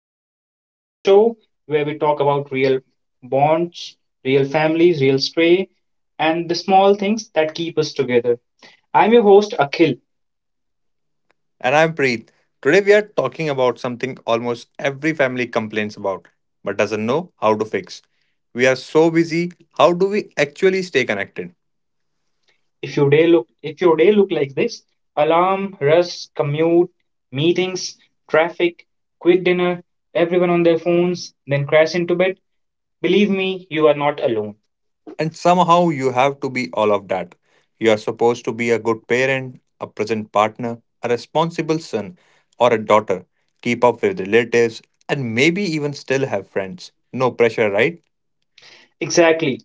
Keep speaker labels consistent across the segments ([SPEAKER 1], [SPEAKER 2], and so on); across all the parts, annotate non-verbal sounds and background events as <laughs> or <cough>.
[SPEAKER 1] Bonds, the show where we talk about real bonds, real families, real stray, and the small things that keep us together. I'm your host Akhil.
[SPEAKER 2] And I'm Preet. Today we are talking about something almost every family complains about but doesn't know how to fix. We are so busy, how do we actually stay connected?
[SPEAKER 1] If your day look if your day look like this, alarm, rush, commute, meetings, traffic, quick dinner, everyone on their phones, then crash into bed, believe me, you are not alone.
[SPEAKER 2] And somehow you have to be all of that. You are supposed to be a good parent, a present partner, a responsible son or a daughter, keep up with relatives, and maybe even still have friends. No pressure, right?
[SPEAKER 1] Exactly.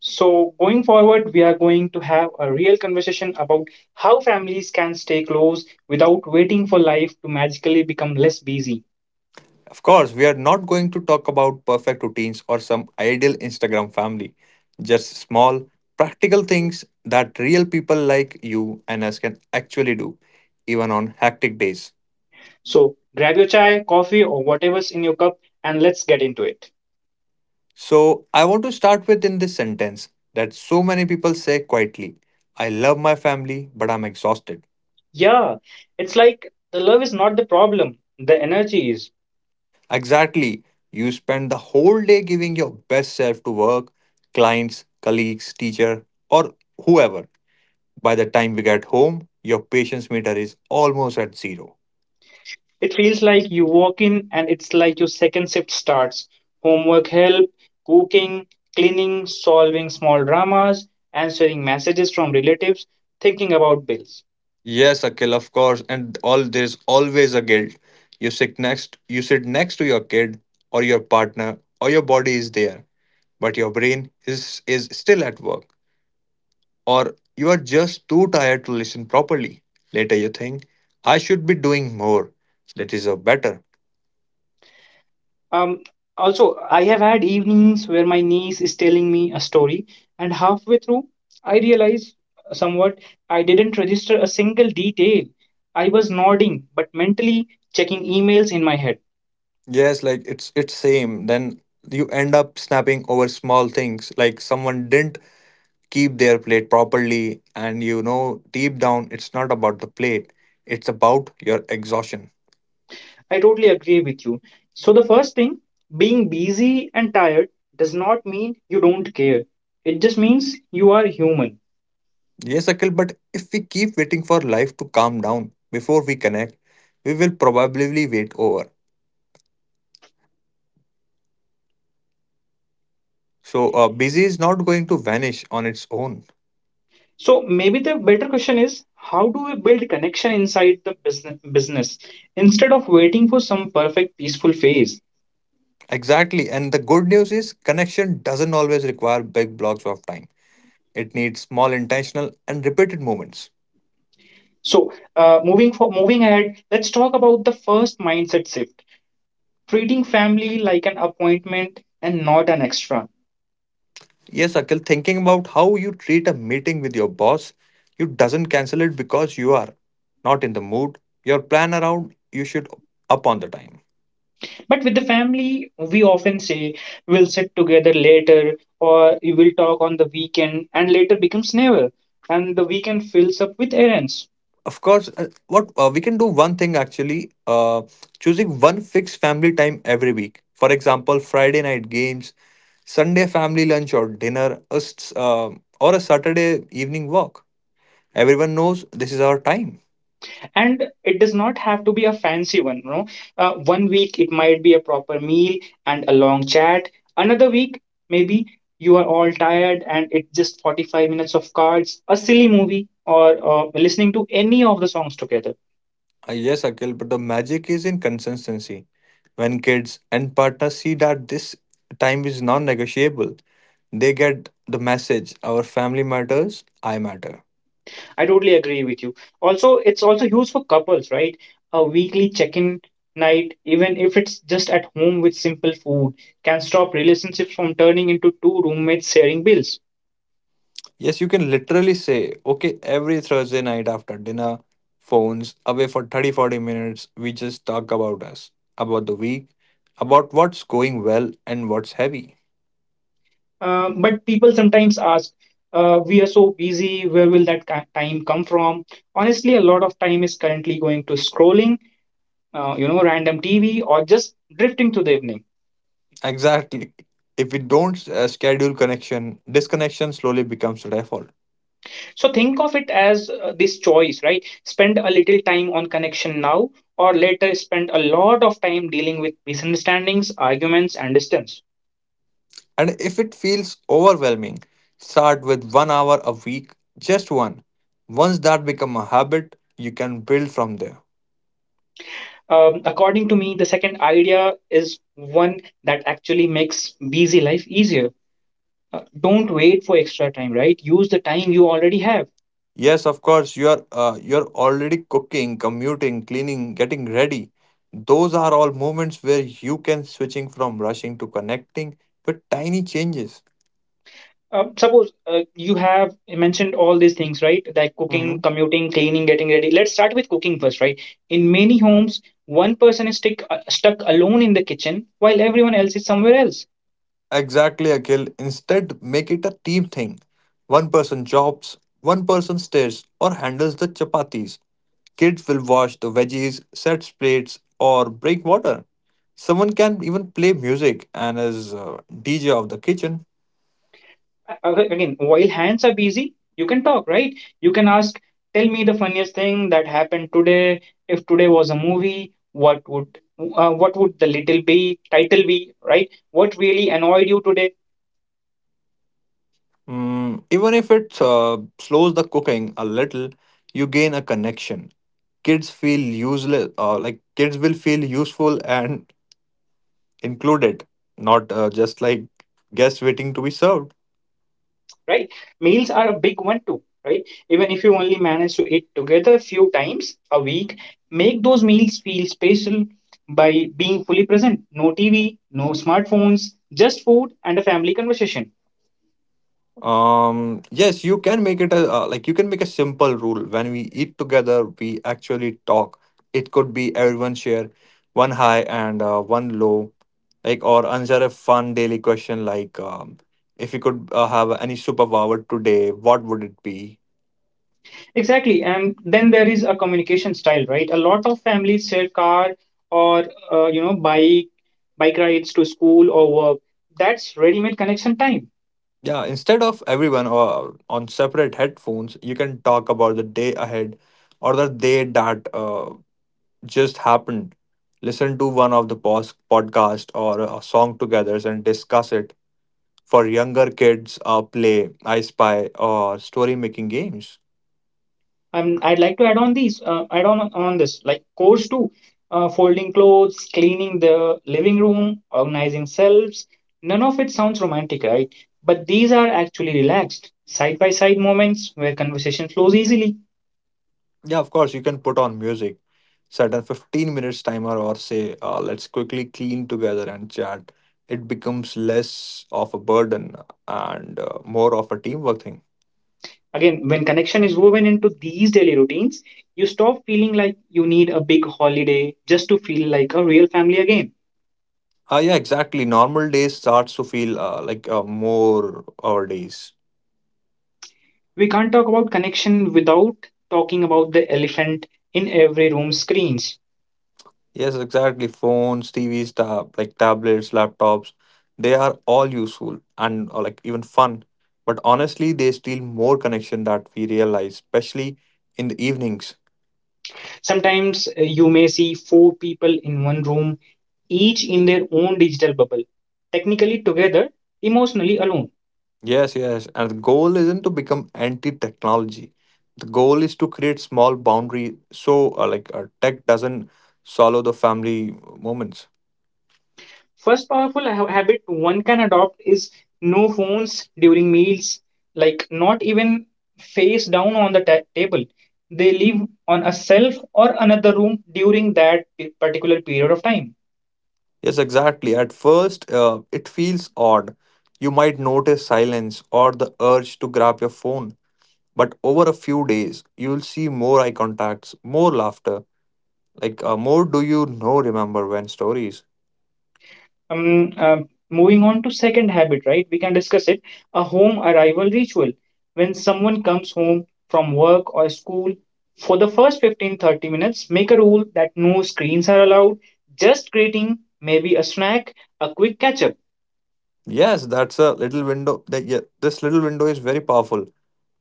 [SPEAKER 1] So, going forward, we are going to have a real conversation about how families can stay close without waiting for life to magically become less busy.
[SPEAKER 2] Of course, we are not going to talk about perfect routines or some ideal Instagram family, just small, practical things that real people like you and us can actually do, even on hectic days.
[SPEAKER 1] So, grab your chai, coffee, or whatever's in your cup and let's get into it.
[SPEAKER 2] So, I want to start with in this sentence that so many people say quietly, I love my family, but I'm exhausted.
[SPEAKER 1] Yeah, it's like the love is not the problem, the energy is.
[SPEAKER 2] Exactly. You spend the whole day giving your best self to work, clients, colleagues, teacher, or whoever. By the time we get home, your patience meter is almost at zero.
[SPEAKER 1] It feels like you walk in and it's like your second shift starts. Homework help, cooking, cleaning, solving small dramas, answering messages from relatives, thinking about bills.
[SPEAKER 2] Yes, Akil, of course, and all there's always a guilt. You sit next to your kid or your partner or your body is there, but your brain is still at work. Or you are just too tired to listen properly. Later you think, I should be doing more. That is a better.
[SPEAKER 1] Um, Also, I have had evenings where my niece is telling me a story, and halfway through, I realize somewhat I didn't register a single detail. I was nodding, but mentally checking emails in my head.
[SPEAKER 2] Yes, like it's same. Then you end up snapping over small things like someone didn't keep their plate properly. And you know, deep down, it's not about the plate, it's about your exhaustion.
[SPEAKER 1] I totally agree with you. So, the first thing, being busy and tired does not mean you don't care, it just means you are human.
[SPEAKER 2] Yes, Akil, but if we keep waiting for life to calm down before we connect, we will probably wait over. So, busy is not going to vanish on its own.
[SPEAKER 1] So maybe the better question is how do we build connection inside the business instead of waiting for some perfect peaceful phase?
[SPEAKER 2] Exactly. And the good news is, connection doesn't always require big blocks of time, it needs small, intentional, and repeated moments.
[SPEAKER 1] So moving ahead, let's talk about the first mindset shift: treating family like an appointment and not an extra.
[SPEAKER 2] Yes, Akil, thinking about how you treat a meeting with your boss, you doesn't cancel it because you are not in the mood. Your plan around you should up on the time.
[SPEAKER 1] But with the family, we often say we'll sit together later or we will talk on the weekend, and later becomes never, and the weekend fills up with errands.
[SPEAKER 2] Of course, what we can do one thing actually, choosing one fixed family time every week. For example, Friday night games, Sunday family lunch or dinner, or a Saturday evening walk. Everyone knows this is our time.
[SPEAKER 1] And it does not have to be a fancy one, you know. One week it might be a proper meal and a long chat, another week maybe you are all tired and it's just 45 minutes of cards, a silly movie, or listening to any of the songs together.
[SPEAKER 2] Yes, Akhil, but the magic is in consistency. When kids and partners see that this time is non negotiable, they get the message our family matters, I matter.
[SPEAKER 1] I totally agree with you. Also, it's also used for couples, right? A weekly check-in night, even if it's just at home with simple food, can stop relationships from turning into two roommates sharing bills.
[SPEAKER 2] Yes, you can literally say, okay, every Thursday night after dinner, phones away for 30, 40 minutes, we just talk about us, about the week, about what's going well and what's heavy.
[SPEAKER 1] But people sometimes ask, we are so busy, where will time come from? Honestly, a lot of time is currently going to scrolling, random TV or just drifting to the evening.
[SPEAKER 2] <laughs> Exactly. If we don't schedule connection, disconnection slowly becomes the default.
[SPEAKER 1] So think of it as this choice, right? Spend a little time on connection now or later spend a lot of time dealing with misunderstandings, arguments, and distance.
[SPEAKER 2] And if it feels overwhelming, start with 1 hour a week, just one. Once that becomes a habit, you can build from there.
[SPEAKER 1] According to me, the second idea is one that actually makes busy life easier. Don't wait for extra time, right? Use the time you already have.
[SPEAKER 2] Yes, of course. You're already cooking, commuting, cleaning, getting ready. Those are all moments where you can switching from rushing to connecting with tiny changes.
[SPEAKER 1] Suppose you have mentioned all these things, right? Like cooking,
[SPEAKER 2] Mhm.
[SPEAKER 1] commuting, cleaning, getting ready. Let's start with cooking first, right? In many homes, one person is stuck alone in the kitchen while everyone else is somewhere else.
[SPEAKER 2] Exactly, Akhil. Instead, make it a team thing. One person chops, one person stares or handles the chapatis. Kids will wash the veggies, set plates, or break water. Someone can even play music and is DJ of the kitchen.
[SPEAKER 1] Again, while hands are busy, you can talk, right? You can ask, tell me the funniest thing that happened today. If today was a movie, what would the little be title be, right? What really annoyed you today?
[SPEAKER 2] Mm, even if it slows the cooking a little, you gain a connection. Kids will feel useful and included, not just like guests waiting to be served.
[SPEAKER 1] Right? Meals are a big one too, right? Even if you only manage to eat together a few times a week, make those meals feel special by being fully present. No TV, no smartphones, just food and a family conversation.
[SPEAKER 2] Yes, you can make it a like you can make a simple rule. When we eat together, we actually talk. It could be everyone share one high and one low, like or answer a fun daily question like if you could have any superpower today, what would it be?
[SPEAKER 1] Exactly. And then there is a communication style, right? A lot of families share car or, uh, you know, bike, bike rides to school or work. That's ready-made connection time.
[SPEAKER 2] Yeah, instead of everyone on separate headphones, you can talk about the day ahead or the day that just happened. Listen to one of the podcast or a song together and discuss it. For younger kids, play I spy or story making games.
[SPEAKER 1] I'd like to add on this, like course two, folding clothes, cleaning the living room, organizing selves. None of it sounds romantic, right? But these are actually relaxed, side by side moments where conversation flows easily.
[SPEAKER 2] Yeah, of course you can put on music, set a 15 minutes timer or say, let's quickly clean together and chat. It becomes less of a burden and more of a teamwork thing.
[SPEAKER 1] Again, when connection is woven into these daily routines, you stop feeling like you need a big holiday just to feel like a real family again.
[SPEAKER 2] Yeah, exactly, normal days starts to feel like more our days.
[SPEAKER 1] We can't talk about connection without talking about the elephant in every room, screens.
[SPEAKER 2] Yes, exactly. Phones, TVs, tab, like tablets, laptops, they are all useful and like even fun. But honestly, they steal more connection that we realize, especially in the evenings.
[SPEAKER 1] Sometimes you may see four people in one room, each in their own digital bubble, technically together, emotionally alone.
[SPEAKER 2] Yes, yes. And the goal isn't to become anti-technology. The goal is to create small boundary so tech doesn't swallow the family moments.
[SPEAKER 1] First powerful habit one can adopt is no phones during meals, like not even face down on the table. They live on a self or another room during that particular period of time.
[SPEAKER 2] Yes, exactly. At first, it feels odd. You might notice silence or the urge to grab your phone. But over a few days, you'll see more eye contacts, more laughter, like more do you know remember when stories.
[SPEAKER 1] um, uh, Moving on to second habit, right, we can discuss it. A home arrival ritual, when someone comes home from work or school, for the first 15-30 minutes make a rule that no screens are allowed, just greeting, maybe a snack, a quick catch up.
[SPEAKER 2] Yes, that's a little window. That, yeah, this little window is very powerful.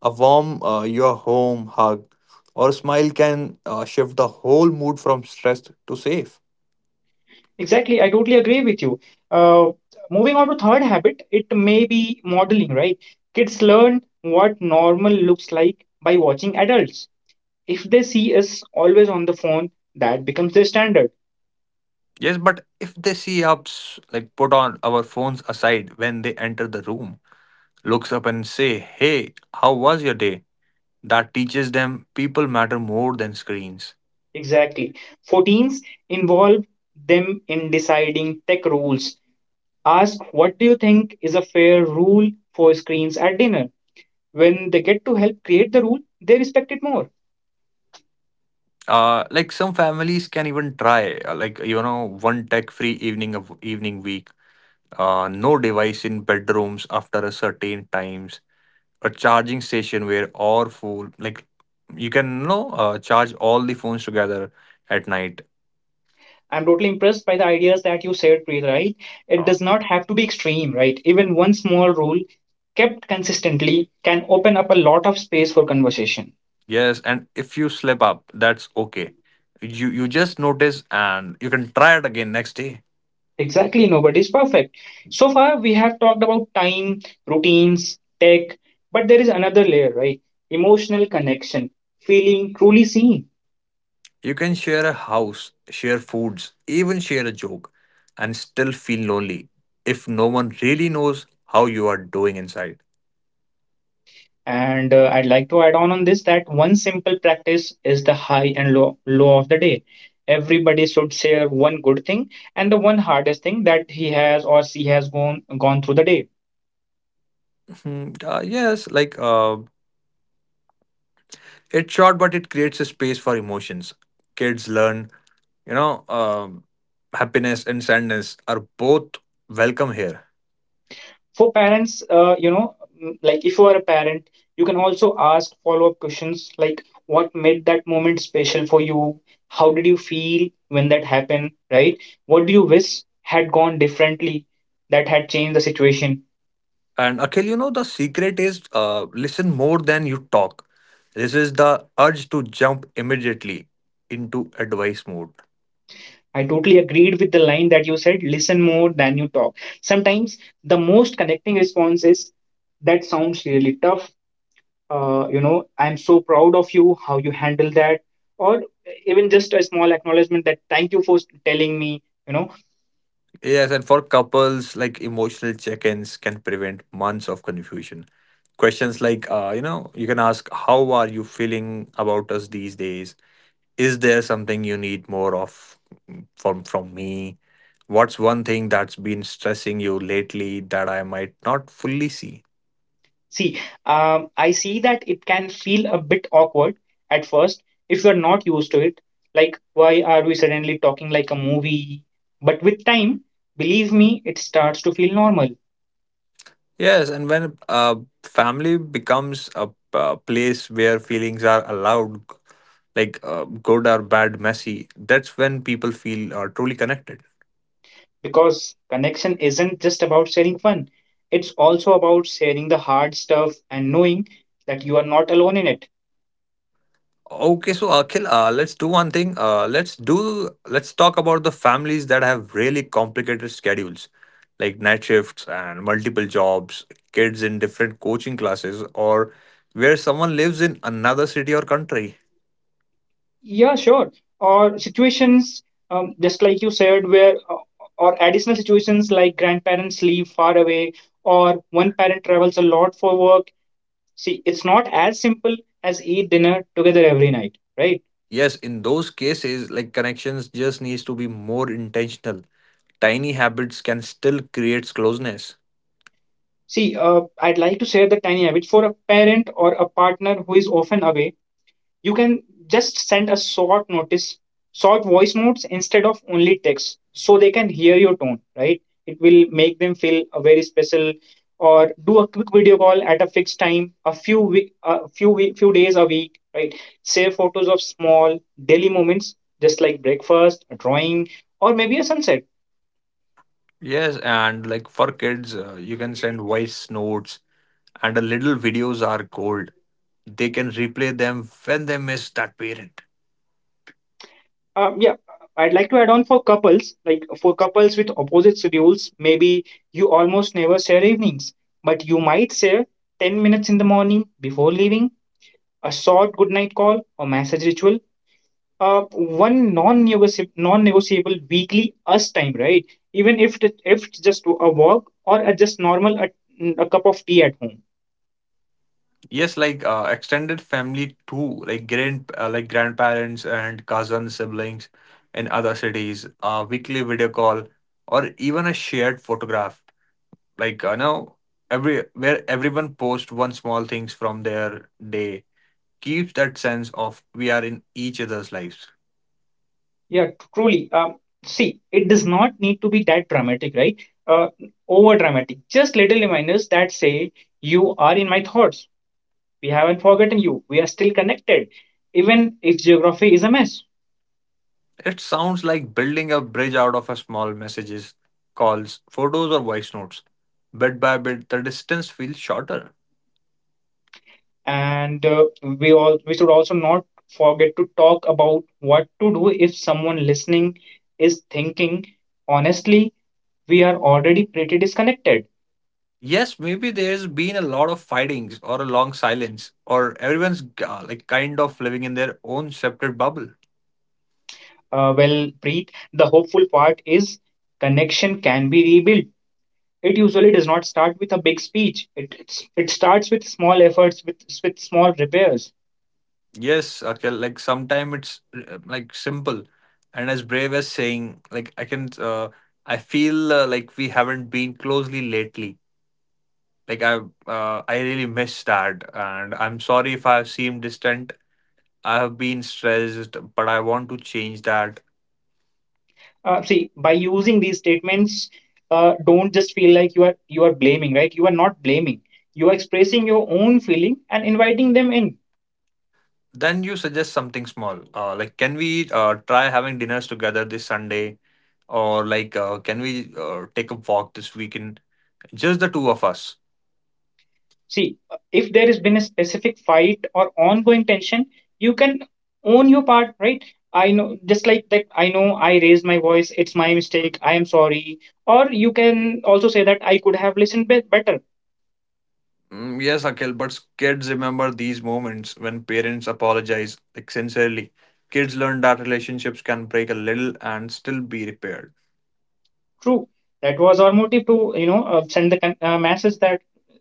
[SPEAKER 2] A warm your home hug or smile can shift the whole mood from stressed to safe.
[SPEAKER 1] Exactly, I totally agree with you. uh, Moving on to third habit, it may be modeling, right? Kids learn what normal looks like by watching adults. If they see us always on the phone, that becomes their standard.
[SPEAKER 2] Yes, but if they see us, like put on our phones aside when they enter the room, looks up and say, Hey, how was your day? That teaches them people matter more than screens.
[SPEAKER 1] Exactly. 14s involve them in deciding tech rules. Ask, what do you think is a fair rule for screens at dinner? When they get to help create the rule, they respect it more.
[SPEAKER 2] Like some families can even try, one tech-free evening of evening week. No device in bedrooms after a certain times. A charging station where all phone, like you can you know, charge all the phones together at night.
[SPEAKER 1] I'm totally impressed by the ideas that you shared, Preet, right? It
[SPEAKER 2] Oh.
[SPEAKER 1] does not have to be extreme, right? Even one small rule kept consistently can open up a lot of space for conversation.
[SPEAKER 2] Yes, and if you slip up, that's okay. You just notice and you can try it again next day.
[SPEAKER 1] Exactly, nobody's perfect. So far, we have talked about time, routines, tech, but there is another layer, right? Emotional connection, feeling truly seen.
[SPEAKER 2] You can share a house, share foods, even share a joke, and still feel lonely if no one really knows how you are doing inside.
[SPEAKER 1] And I'd like to add on this that one simple practice is the high and low of the day. Everybody should share one good thing and the one hardest thing that he has or she has gone through the day.
[SPEAKER 2] Mhm, yes, like it's short, but it creates a space for emotions. Kids learn, you know, happiness and sadness are both welcome here.
[SPEAKER 1] For parents, like if you are a parent, you can also ask follow up questions like what made that moment special for you, how did you feel when that happened, right, what do you wish had gone differently, that had changed the situation.
[SPEAKER 2] And Akhil, you know, the secret is listen more than you talk. This is the urge to jump immediately into advice mode.
[SPEAKER 1] I totally agreed with the line that you said, listen more than you talk. Sometimes the most connecting response is, that sounds really tough, I'm so proud of you how you handle that, or even just a small acknowledgement that, thank you for telling me, you know.
[SPEAKER 2] Yes, and for couples, like emotional check ins can prevent months of confusion. Questions like, you can ask, How are you feeling about us these days? Is there something you need more of from me? What's one thing that's been stressing you lately that I might not fully see?
[SPEAKER 1] See, I see that it can feel a bit awkward at first if you are not used to it, like why are we suddenly talking like a movie, but with time, believe me, it starts to feel normal.
[SPEAKER 2] Yes, and when family becomes a place where feelings are allowed, like good or bad, messy, that's when people feel truly connected.
[SPEAKER 1] Because connection isn't just about sharing fun, it's also about sharing the hard stuff and knowing that you are not alone in it.
[SPEAKER 2] Okay, so Akhil, let's do one thing. Let's do let's talk about the families that have really complicated schedules, like night shifts and multiple jobs, kids in different coaching classes, or where someone lives in another city or country.
[SPEAKER 1] Yeah, sure. Or situations, just like you said, where or additional situations like grandparents live far away, or one parent travels a lot for work. See, it's not as simple as eat dinner together every night, right?
[SPEAKER 2] Yes, in those cases, like connections just needs to be more intentional. Tiny habits can still create closeness.
[SPEAKER 1] See, I'd like to share the tiny habit for a parent or a partner who is often away. You can just send a short notice, short voice notes instead of only text, so they can hear your tone, right? It will make them feel a very special. Or do a quick video call at a fixed time, few days a week, right? Save photos of small daily moments, just like breakfast, a drawing, or maybe a sunset.
[SPEAKER 2] Yes, and like for kids, you can send voice notes and a little videos are gold. They can replay them when they miss that parent.
[SPEAKER 1] Yeah, I'd like to add on for couples, like for couples with opposite schedules, maybe you almost never share evenings, but you might share 10 minutes in the morning before leaving, a short goodnight call or massage ritual, non-negotiable weekly us time, right? Even if it's just a walk or a just normal a cup of tea at home.
[SPEAKER 2] Yes, like extended family too, like grandparents and cousin siblings in other cities. A weekly video call or even a shared photograph. Like now, every where everyone posts one small things from their day keeps that sense of we are in each other's lives.
[SPEAKER 1] Yeah, truly. See, it does not need to be that dramatic, right? Over dramatic. Just little reminders that say, you are in my thoughts. We haven't forgotten you. We are still connected, even if geography is a mess.
[SPEAKER 2] It sounds like building a bridge out of a small messages, calls, photos, or voice notes. Bit by bit, the distance feels shorter.
[SPEAKER 1] And we should also not forget to talk about what to do if someone listening is thinking, honestly, we are already pretty disconnected.
[SPEAKER 2] Yes, maybe there's been a lot of fightings or a long silence, or everyone's kind of living in their own separate bubble.
[SPEAKER 1] Well, breathe. The hopeful part is connection can be rebuilt. It usually does not start with a big speech. It starts with small efforts, with small repairs.
[SPEAKER 2] Yes, okay, like sometimes it's simple and as brave as saying, like, I feel like we haven't been closely lately. Like I really miss that, and I'm sorry if I seem distant. I have been stressed, but I want to change that.
[SPEAKER 1] See, by using these statements, don't just feel like you are blaming, right? You are not blaming. You are expressing your own feeling and inviting them in.
[SPEAKER 2] Then you suggest something small, like can we try having dinners together this Sunday, or like can we take a walk this weekend, just the two of us.
[SPEAKER 1] See, if there has been a specific fight or ongoing tension, you can own your part, right? I know, just like that. I know I raised my voice. It's my mistake. I am sorry, or you can also say that I could have better.
[SPEAKER 2] Mm, yes, Akhil, but kids remember these moments when parents apologize, like sincerely. Kids learn that relationships can break a little and still be repaired.
[SPEAKER 1] True. That was our motive to, send the message that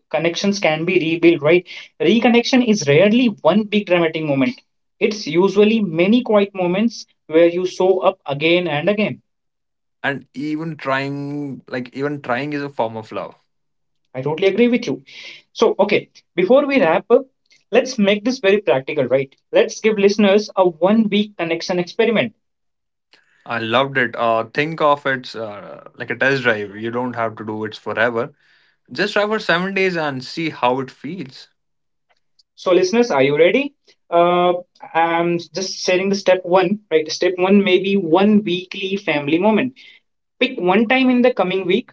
[SPEAKER 1] connections can be rebuilt, right? Reconnection is rarely one big dramatic moment. It's usually many quiet moments where you show up again and again.
[SPEAKER 2] And even trying, like even trying, is a form of love.
[SPEAKER 1] I totally agree with you. So, okay, before we wrap up, let's make this very practical, right? Let's give listeners a one week connection experiment.
[SPEAKER 2] I loved it. Think of it like a test drive. You don't have to do it forever. Just try for 7 days and see how it feels.
[SPEAKER 1] So, listeners, are you ready? Uh, I'm just sharing the step one, right? Step one may be one weekly family moment. Pick one time in the coming week,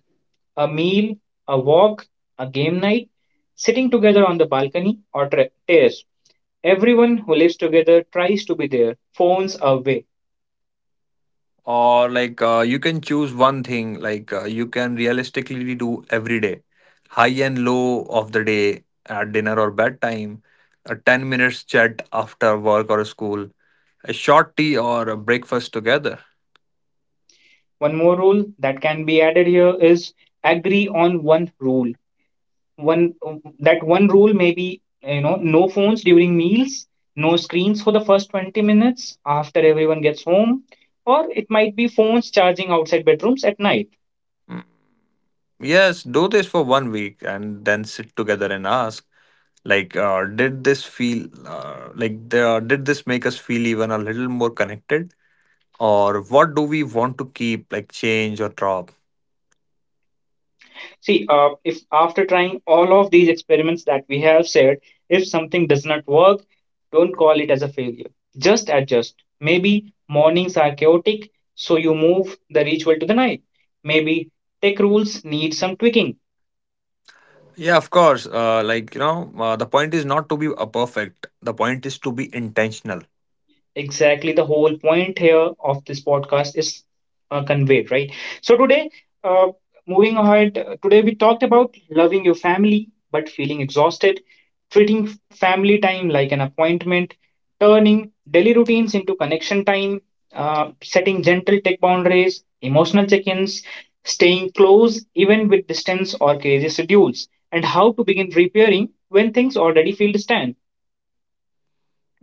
[SPEAKER 1] a meal, a walk, a game night, sitting together on the balcony or terrace. Everyone who lives together tries to be there, phones away.
[SPEAKER 2] Or like you can choose one thing. Like you can realistically do every day, high and low of the day at dinner or bedtime, a 10 minutes chat after work or school, a short tea or a breakfast together.
[SPEAKER 1] One more rule that can be added here is, agree on one rule. One that one rule may be, you know, no phones during meals, no screens for the first 20 minutes after everyone gets home, or it might be phones charging outside bedrooms at night.
[SPEAKER 2] Mm, yes, do this for 1 week and then sit together and ask, like did this make us feel even a little more connected, or what do we want to keep, like change or drop.
[SPEAKER 1] See, if after trying all of these experiments that we have said, if something does not work, don't call it as a failure. Just adjust. Maybe mornings are chaotic, so you move the ritual to the night. Maybe tech rules need some tweaking.
[SPEAKER 2] Yeah, of course, the point is not to be a perfect, the point is to be intentional.
[SPEAKER 1] Exactly, the whole point here of this podcast is conveyed, right? So today, uh, today we talked about loving your family but feeling exhausted, treating family time like an appointment, turning daily routines into connection time, setting gentle tech boundaries, emotional check-ins, staying close even with distance or crazy schedules, and how to begin repairing when things already feel distant.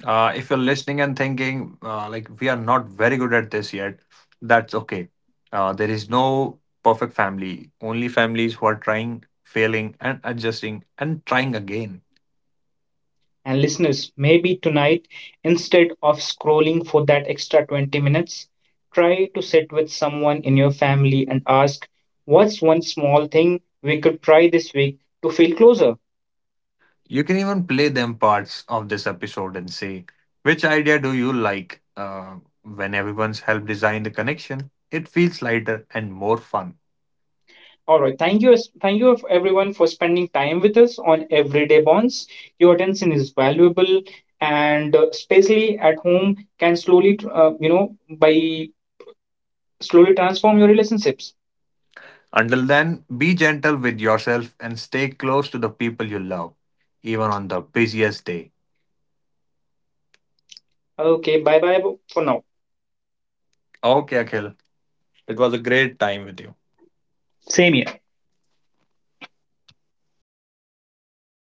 [SPEAKER 2] If you're listening and thinking, like we are not very good at this yet, that's okay. There is no perfect family, only families who are trying, failing and adjusting and trying again.
[SPEAKER 1] And listeners, maybe tonight, instead of scrolling for that extra 20 minutes, try to sit with someone in your family and ask, what's one small thing we could try this week to feel closer?
[SPEAKER 2] You can even play them parts of this episode and say, which idea do you like? When everyone's helped design the connection, it feels lighter and more fun.
[SPEAKER 1] All right, thank you everyone for spending time with us on Everyday Bonds. Your attention is valuable, and especially at home, can slowly, you know, by slowly transform your relationships.
[SPEAKER 2] Until then, be gentle with yourself and stay close to the people you love, even on the busiest day.
[SPEAKER 1] Okay, bye bye for now.
[SPEAKER 2] Okay, Akhil, it was a great time with you.
[SPEAKER 1] Same here.